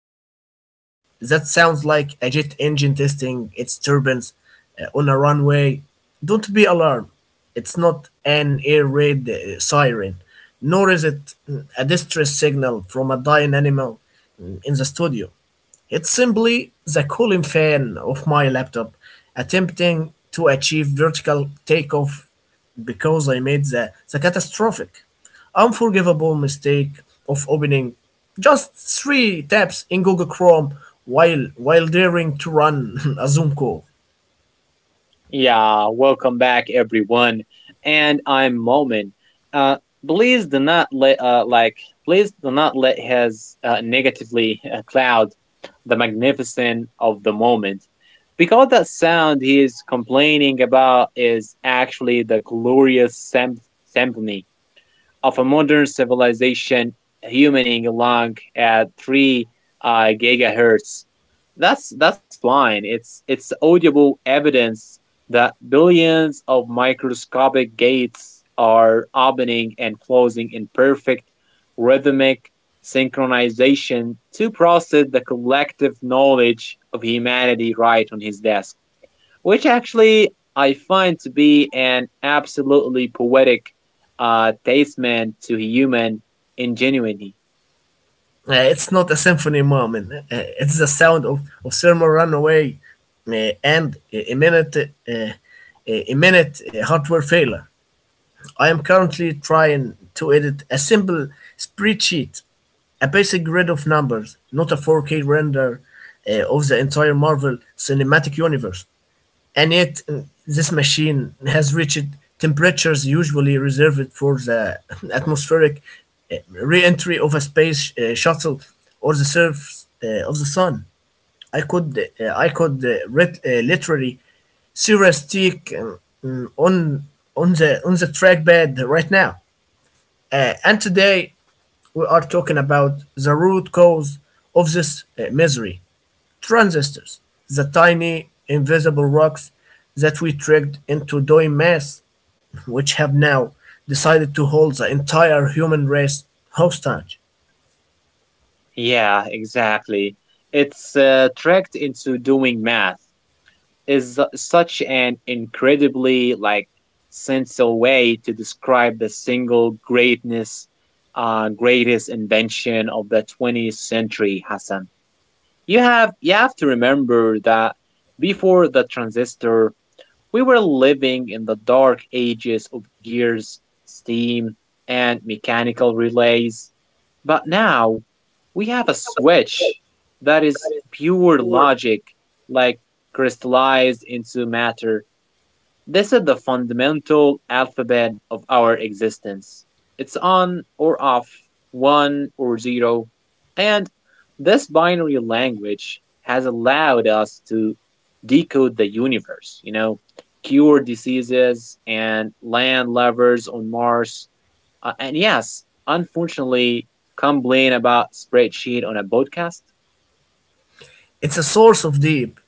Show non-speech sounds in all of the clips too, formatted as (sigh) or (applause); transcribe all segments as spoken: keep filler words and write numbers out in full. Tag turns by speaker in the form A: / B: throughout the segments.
A: background that sounds like a jet engine testing its turbines uh, on a runway, don't be alarmed. It's not an air raid uh, siren, nor is it mm, a distress signal from a dying animal mm, in the studio. It's simply the cooling fan of my laptop attempting to achieve vertical takeoff because I made the, the catastrophic, unforgivable mistake of opening just three tabs in Google Chrome while while daring to run (laughs) a Zoom call.
B: Yeah, welcome back everyone. And I'm Momin. Uh please do not let uh like please do not let his uh, negatively uh, cloud the magnificence of the moment. Because that sound he is complaining about is actually the glorious sym- symphony of a modern civilization humming along at three uh, gigahertz. That's that's fine. It's it's audible evidence that billions of microscopic gates are opening and closing in perfect rhythmic synchronization to process the collective knowledge of humanity right on his desk, which actually I find to be an absolutely poetic uh, testament to human ingenuity.
A: Uh, it's not a symphony moment. Uh, it's the sound of, of thermal runaway uh, and a a minute uh, a minute uh, hardware failure. I am currently trying to edit a simple spreadsheet, a basic grid of numbers, not a four K render uh, of the entire Marvel Cinematic Universe. And yet, mm, this machine has reached temperatures usually reserved for the (laughs) atmospheric uh, re entry of a space uh, shuttle or the surface uh, of the sun. I could uh, I could uh, read uh, literally heuristic um, mm, on on the on the trackpad right now. Uh, and today we are talking about the root cause of this uh, misery: transistors, the tiny invisible rocks that we tricked into doing math, which have now decided to hold the entire human race hostage.
B: Yeah, exactly. It's uh, Tricked into doing math is such an incredibly like sensual way to describe the single greatness, uh, greatest invention of the twentieth century, Hassan. You have you have to remember that before the transistor, we were living in the dark ages of gears, steam, and mechanical relays. But now we have a switch that is pure logic, like crystallized into matter. This is the fundamental alphabet of our existence. It's on or off, one or zero. And this binary language has allowed us to decode the universe, you know, cure diseases, and land lovers on Mars. Uh, and yes, unfortunately, complain about spreadsheet on a podcast.
A: It's a source of deep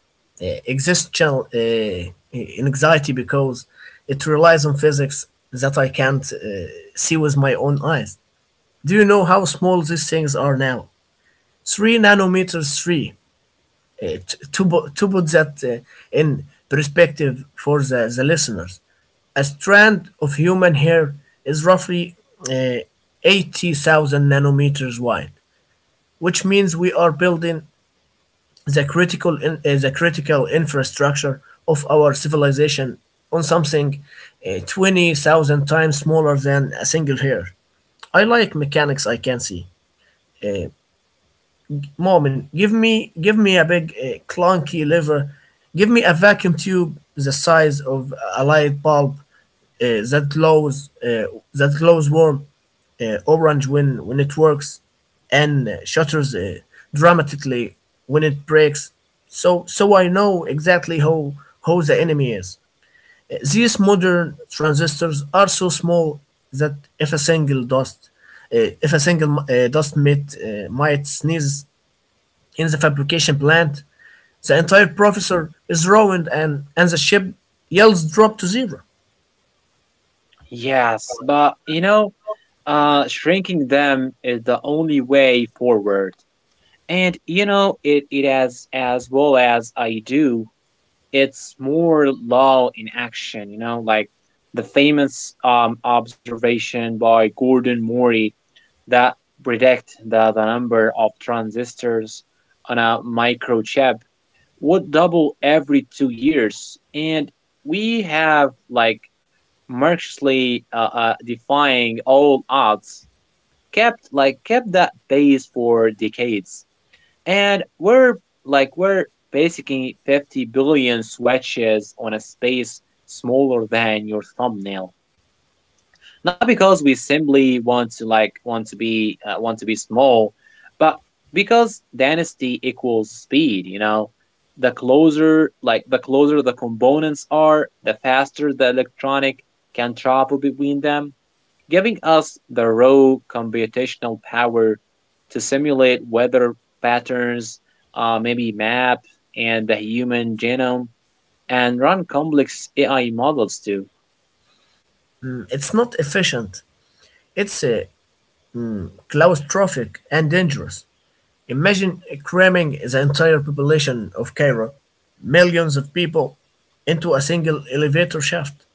A: uh, existential uh, anxiety because it relies on physics that I can't uh, see with my own eyes. Do you know how small these things are now? Three nanometers, three. Uh, t- to, bu- to put that uh, in perspective for the, the listeners, a strand of human hair is roughly uh, eighty thousand nanometers wide, which means we are building the critical in, uh, the critical infrastructure of our civilization on something uh, twenty thousand times smaller than a single hair. I like mechanics I can see. Uh, Moment, give me give me a big uh, clunky lever. Give me a vacuum tube the size of a light bulb uh, that glows uh, that glows warm uh, orange when when it works and uh, shutters uh, dramatically when it breaks, so so I know exactly how how the enemy is. Uh, these modern transistors are so small that if a single dust uh, if a single uh, dust mite, uh, might sneeze in the fabrication plant, the entire processor is ruined and and the ship yields drop to zero.
B: Yes, but you know, uh, shrinking them is the only way forward. And you know, it, it as as well as I do, it's more law in action, you know, like the famous um observation by Gordon Murray that predict that the number of transistors on a microchip would double every two years. And we have like mercilessly uh, uh, defying all odds, kept like kept that pace for decades, and we're like we're basically fifty billion switches on a space smaller than your thumbnail. Not because we simply want to like want to be uh, want to be small, but because density equals speed. You know, the closer like the closer the components are, the faster the electronic can travel between them, giving us the raw computational power to simulate weather patterns, uh, maybe map and the human genome, and run complex A I models too.
A: It's not efficient. It's uh, claustrophobic and dangerous. Imagine cramming the entire population of Cairo, millions of people, into a single elevator shaft.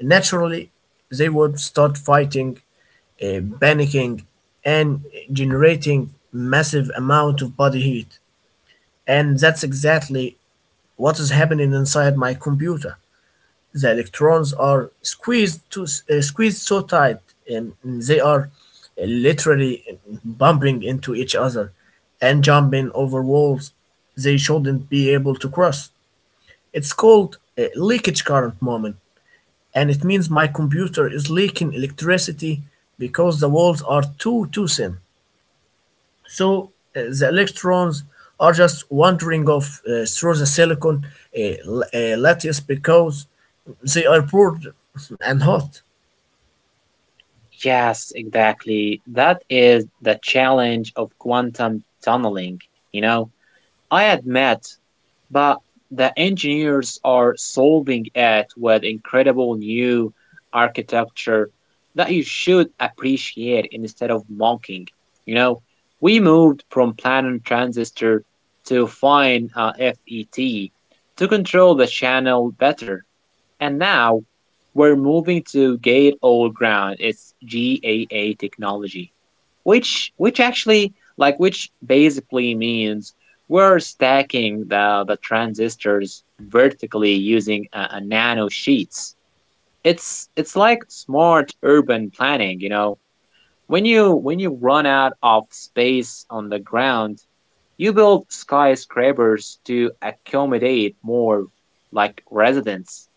A: Naturally, they would start fighting, eh, panicking, and generating massive amount of body heat. And that's exactly what is happening inside my computer. The electrons are squeezed to uh, squeezed so tight, um, they are literally um, bumping into each other and jumping over walls they shouldn't be able to cross. It's called a leakage current moment, and it means my computer is leaking electricity because the walls are too too thin. So uh, the electrons are just wandering off uh, through the silicon uh, l- uh, lattice because they are bored and hot.
B: Yes, exactly. That is the challenge of quantum tunneling. You know, I admit But the engineers are solving it with incredible new architecture that you should appreciate instead of mocking. You know, we moved from planar transistor to fine uh, F E T to control the channel better. And now we're moving to Gate Old Ground. It's G A A technology, which which actually like which basically means we're stacking the, the transistors vertically using a, a nano sheets. It's it's like smart urban planning, you know. When you when you run out of space on the ground, you build skyscrapers to accommodate more like residents,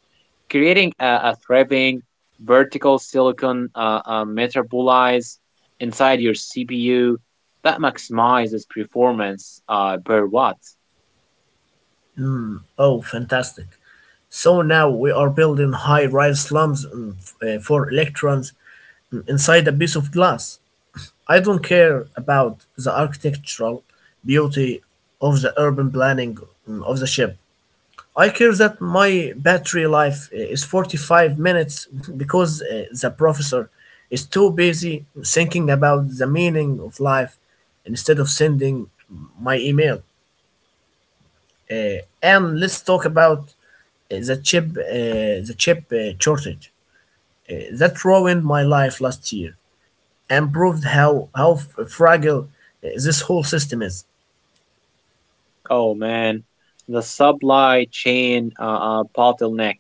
B: creating a, a thriving vertical silicon uh, uh, metabolites inside your C P U that maximizes performance uh, per watt.
A: Oh, fantastic. So now we are building high rise slums mm, f- uh, for electrons mm, inside a piece of glass. I don't care about the architectural beauty of the urban planning mm, of the ship. I care that my battery life is forty-five minutes (laughs) because uh, the professor is too busy thinking about the meaning of life instead of sending my email. Uh, and let's talk about uh, the chip, uh, the chip uh, shortage uh, that ruined my life last year and proved how how f- fragile uh, this whole system is.
B: Oh man, the supply chain uh, uh, bottleneck.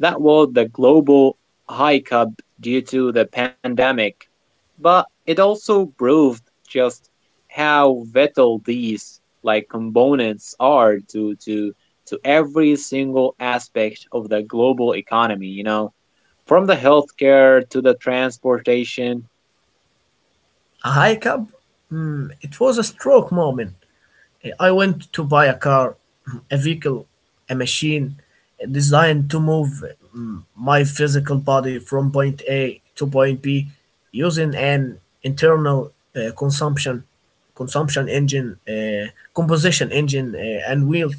B: That was the global hike up due to the pandemic, but it also proved just how vital these like components are to to to every single aspect of the global economy, you know, from the healthcare to the transportation.
A: A hike up, mm, it was a stroke moment. I went to buy a car, a vehicle, a machine designed to move mm, my physical body from point A to point B using an internal uh, consumption consumption engine, uh, composition engine, uh, and wheels.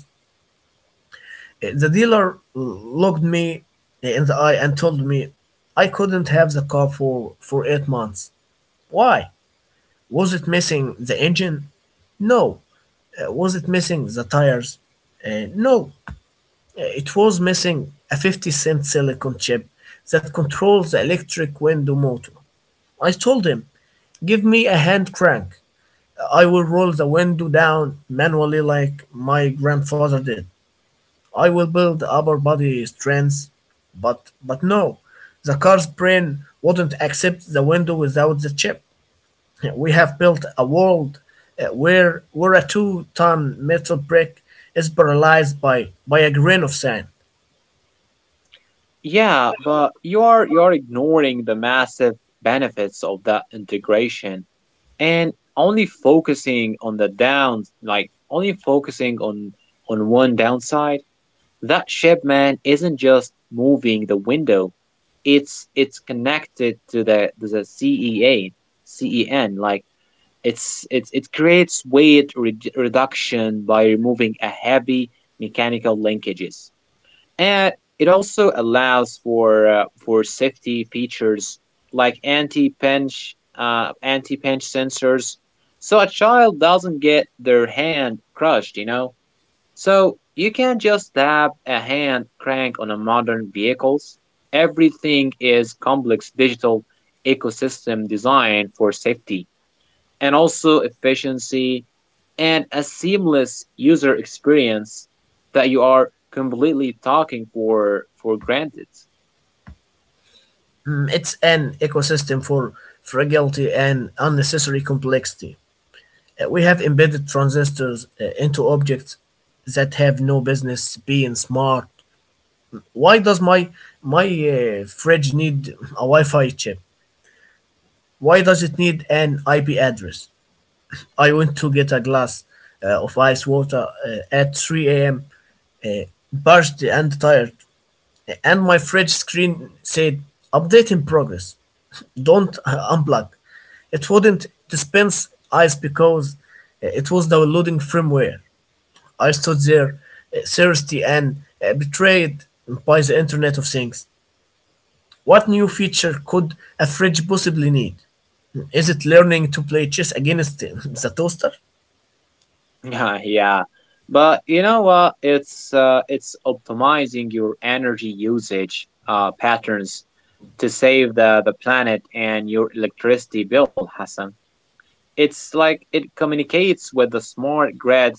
A: Uh, The dealer looked me in the eye and told me I couldn't have the car for, for eight months. Why? Was it missing the engine? No. Uh, was it missing the tires? Uh, no. It was missing a fifty cent silicon chip that controls the electric window motor. I told him, give me a hand crank. I will roll the window down manually like my grandfather did. I will build upper body strength. But, but no, the car's brain wouldn't accept the window without the chip. We have built a world uh, where, where a two ton metal brick is paralyzed by, by a grain of sand.
B: Yeah, but you are you are ignoring the massive benefits of that integration and only focusing on the downs like only focusing on on one downside. That ship man isn't just moving the window, it's it's connected to the the C E A C E N. like it's it's it creates weight re- reduction by removing a heavy mechanical linkages, and it also allows for uh, for safety features like anti-pinch uh, anti-pinch sensors so a child doesn't get their hand crushed, you know. So you can't just tap a hand crank on a modern vehicles. Everything is complex digital ecosystem designed for safety and also efficiency and a seamless user experience that you are completely talking for for granted. (laughs)
A: Mm, It's an ecosystem for fragility and unnecessary complexity. Uh, We have embedded transistors uh, into objects that have no business being smart. Why does my my uh, fridge need a Wi-Fi chip? Why does it need an I P address? I went to get a glass uh, of ice water uh, at three a m. Uh, Parched and tired, and my fridge screen said update in progress. don't uh, unplug. It wouldn't dispense ice because uh, it was downloading firmware. I stood there, uh, thirsty and uh, betrayed by the Internet of Things. What new feature could a fridge possibly need? Is it learning to play chess against (laughs) uh, the toaster?
B: Yeah, yeah. But you know what? It's uh, it's optimizing your energy usage uh, patterns to save the, the planet and your electricity bill, Hassan. It's like it communicates with the smart grid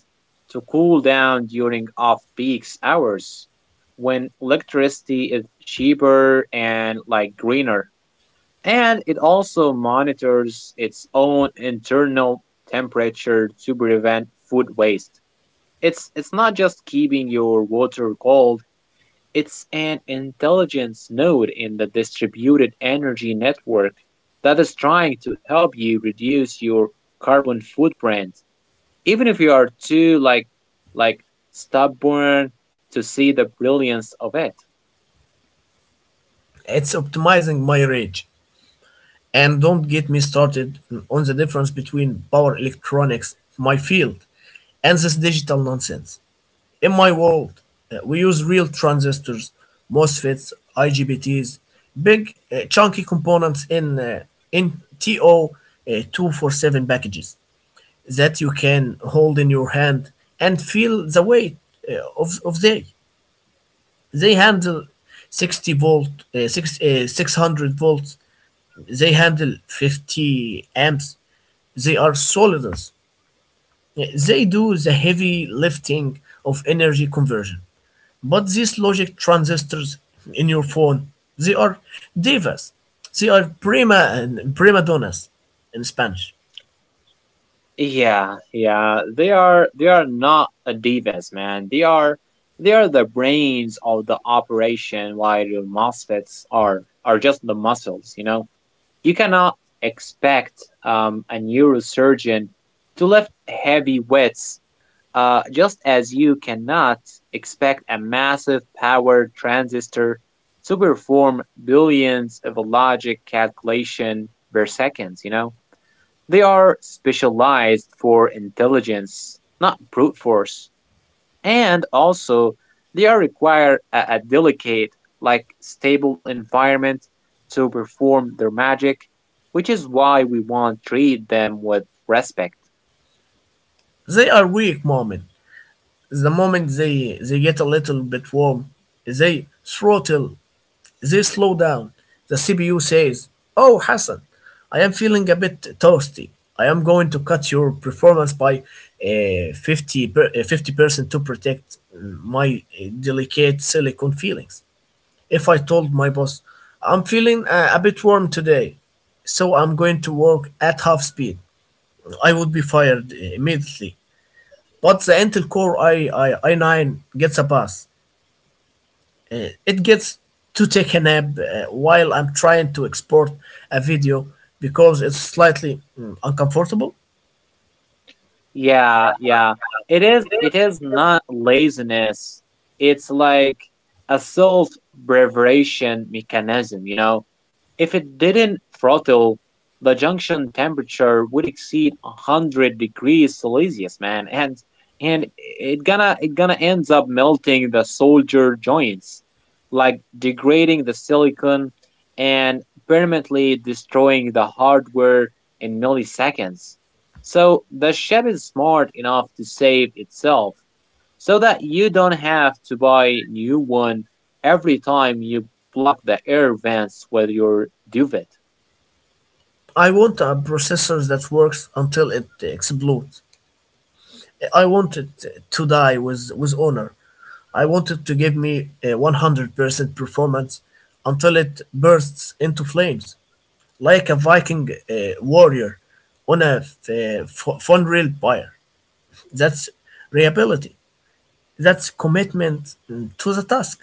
B: to cool down during off peak hours when electricity is cheaper and like greener. And it also monitors its own internal temperature to prevent food waste. It's it's not just keeping your water cold, it's an intelligence node in the distributed energy network that is trying to help you reduce your carbon footprint. Even if you are too like like stubborn to see the brilliance of it.
A: It's optimizing my rage. And don't get me started on the difference between power electronics, my field, and this digital nonsense. In my world, uh, we use real transistors, MOSFETs, I G B Ts, big uh, chunky components in uh, in T O two four seven packages that you can hold in your hand and feel the weight uh, of, of they. They handle sixty volt, uh, six, uh, six hundred volts. They handle fifty amps. They are solidus. They do the heavy lifting of energy conversion. But these logic transistors in your phone, they are divas. They are prima and prima donnas in Spanish.
B: Yeah, yeah. They are they are not a divas, man. They are they are the brains of the operation, while your MOSFETs are are just the muscles, you know? You cannot expect um, a neurosurgeon to lift heavy weights, uh, just as you cannot expect a massive power transistor to perform billions of logic calculation per seconds. You know, they are specialized for intelligence, not brute force. And also, they are require a, a delicate, like stable environment to perform their magic, which is why we want treat them with respect.
A: They are weak moment. The moment they they get a little bit warm, they throttle, they slow down. The C P U says, "Oh, Hassan, I am feeling a bit toasty. I am going to cut your performance by uh, fifty percent to protect my uh, delicate silicon feelings." If I told my boss, I'm feeling a, a bit warm today, so I'm going to work at half speed, I would be fired immediately. But the Intel Core i, I, i9 gets a pass. Uh, It gets to take a nap uh, while I'm trying to export a video because it's slightly mm, uncomfortable.
B: Yeah, yeah. It is it is not laziness. It's like a self preservation mechanism, you know. If it didn't throttle, the junction temperature would exceed one hundred degrees Celsius, man, and and it gonna it gonna ends up melting the soldier joints, like degrading the silicon and permanently destroying the hardware in milliseconds. So the ship is smart enough to save itself so that you don't have to buy new one every time you block the air vents with your duvet.
A: I want a processor that works until it explodes. I wanted to die with, with honor. I wanted to give me a one hundred percent performance until it bursts into flames, like a Viking uh, warrior on a f- uh, f- funeral pyre. That's reliability. That's commitment mm, to the task.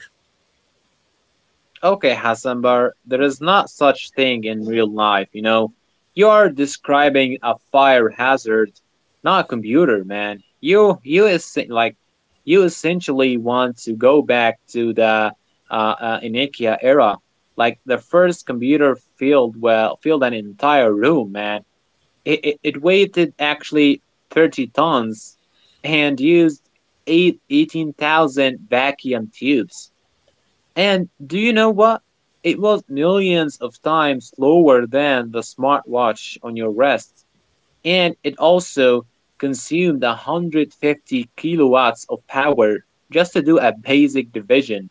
B: Okay, Hasanbar, there is not such thing in real life, you know. You are describing a fire hazard, not a computer, man. You you is like You essentially want to go back to the uh, uh Inikia era. Like the first computer filled well filled an entire room, man. It, it, it weighted actually thirty tons and used eight eighteen thousand vacuum tubes. And do you know what? It was millions of times slower than the smartwatch on your wrist, and it also consumed one hundred fifty kilowatts of power just to do a basic division.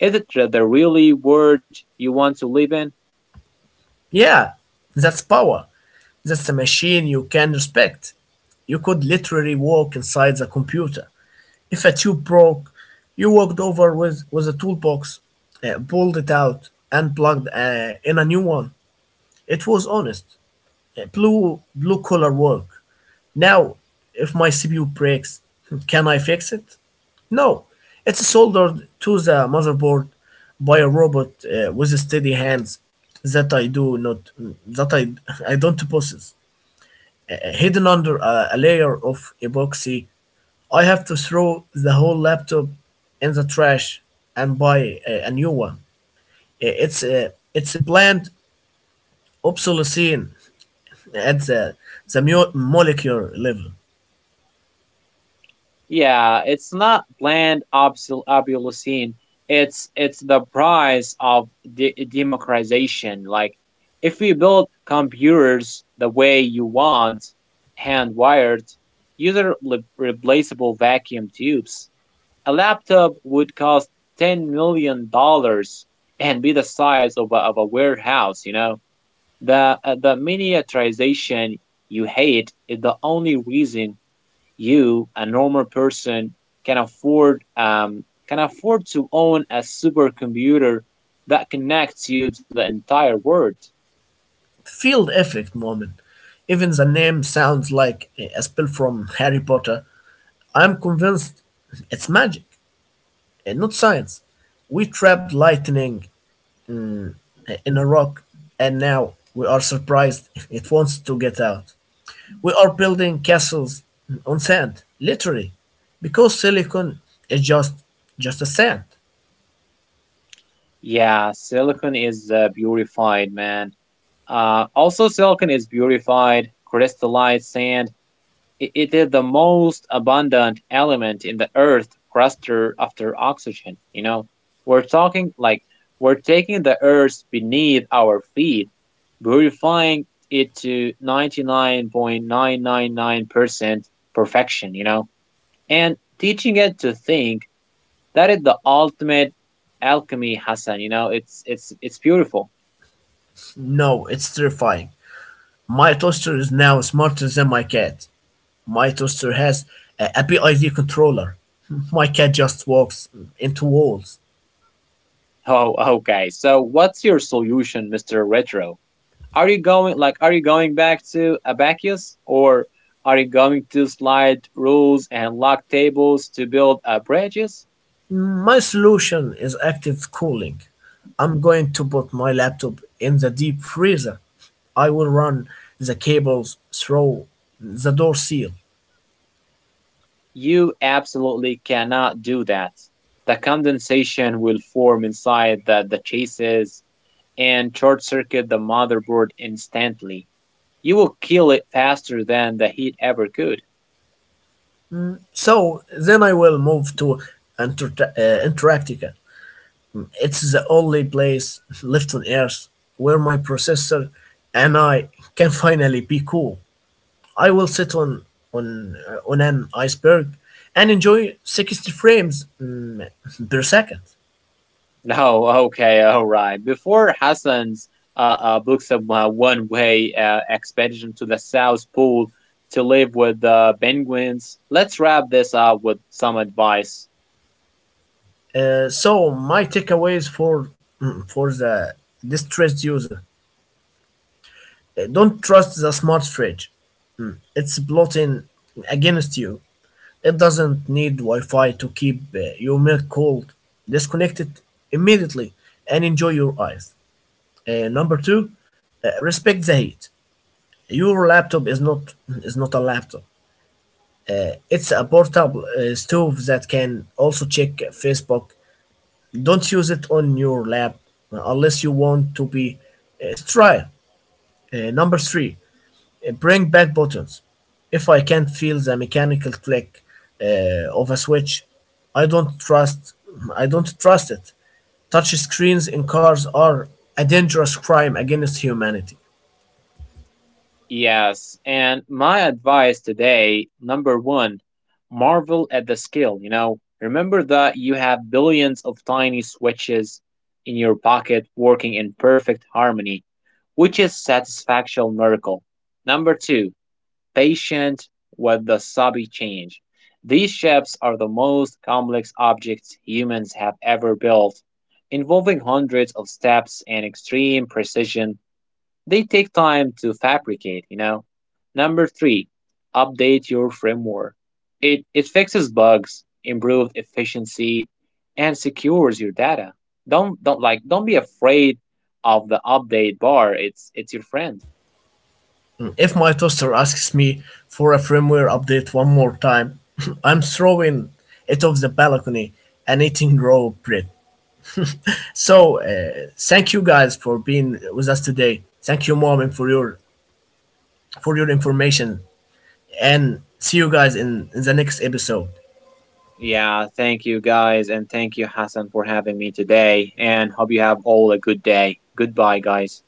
B: Is it the really world you want to live in?
A: Yeah, that's power. That's a machine you can respect. You could literally walk inside the computer. If a tube broke, you walked over with, with a toolbox, uh, pulled it out, and plugged uh, in a new one. It was honest, uh, blue blue collar work. Now, if my C P U breaks, (laughs) can I fix it? No, it's soldered to the motherboard by a robot uh, with steady hands that I do not that I (laughs) I don't possess, uh, hidden under a, a layer of epoxy. I have to throw the whole laptop in the trash and buy a, a new one. I- It's a, it's a planned obsolescence at the, the mo- molecular level.
B: Yeah, it's not bland obsol- obsolescence. It's it's the price of de- democratization. Like, if we build computers the way you want, hand wired, user re- replaceable vacuum tubes, a laptop would cost ten million dollars and be the size of a, of a warehouse. You know, the uh, the miniaturization you hate is the only reason you, a normal person, can afford um, can afford to own a supercomputer that connects you to the entire world.
A: Field effect moment. Even the name sounds like a spell from Harry Potter. I'm convinced it's magic and not science. We trapped lightning in a rock, and now we are surprised (laughs) it wants to get out. We are building castles on sand, literally, because silicon is just just a sand.
B: Yeah, silicon is uh, purified, man. Uh, also, silicon is purified, crystallized sand. It is the most abundant element in the earth cluster after oxygen. You know, we're talking like we're taking the earth beneath our feet, purifying it to ninety-nine point nine nine nine percent perfection, you know, and teaching it to think. That is the ultimate alchemy, Hassan. You know, it's it's it's beautiful. (laughs)
A: No, it's terrifying. My toaster is now smarter than my cat. My toaster has a, a P I D controller. My cat just walks into walls.
B: Oh, okay. So, what's your solution, Mister Retro? Are you going like are you going back to Abacus, or are you going to slide rules and lock tables to build up bridges?
A: My solution is active cooling. I'm going to put my laptop in the deep freezer. I will run the cables through the door seal.
B: You absolutely cannot do that. The condensation will form inside the, the chases and short circuit the motherboard instantly. You will kill it faster than the heat ever could.
A: So then I will move
B: (laughs)
A: to Antarct- uh, Antarctica. It's the only place left on Earth where my processor and I can finally be cool. I will sit on on uh, on an iceberg and enjoy sixty frames mm, per second.
B: No, okay, all right. Before Hassan's uh, uh, books a uh, one-way uh, expedition to the South Pole to live with the penguins, let's wrap this up with some advice.
A: Uh, so my takeaways for mm, for the distressed user: Uh, don't trust the smart fridge. Mm, It's plotting against you. It doesn't need Wi-Fi to keep uh, your milk cold. Disconnect it immediately and enjoy your ice. Uh, number two, uh, respect the heat. Your laptop is not is not a laptop. It's a portable uh, stove that can also check Facebook. Don't use it on your lap unless you want to be uh, sterile. Uh, number three, uh, bring back buttons. If I can't feel the mechanical click uh, of a switch, I don't trust. I don't trust it. Touch screens in cars are a dangerous crime against humanity.
B: Yes, and my advice today, number one, marvel at the skill. You know, remember that you have billions of tiny switches in your pocket working in perfect harmony, which is satisfaction miracle. Number two, patient with the sobby change. These ships are the most complex objects humans have ever built, involving hundreds of steps and extreme precision. They take time to fabricate, you know. Number three, update your framework. It, it fixes bugs, improves efficiency, and secures your data. Don't don't like don't be afraid of the update bar. It's it's your friend.
A: If my toaster asks me for a firmware update one more time, (laughs) I'm throwing it off the balcony and eating raw bread. So, uh, thank you guys for being with us today. Thank you, mom, for your for your information, and see you guys in, in the next episode.
B: Yeah, thank you guys, and thank you, Hassan, for having me today, and hope you have all a good day. Goodbye, guys.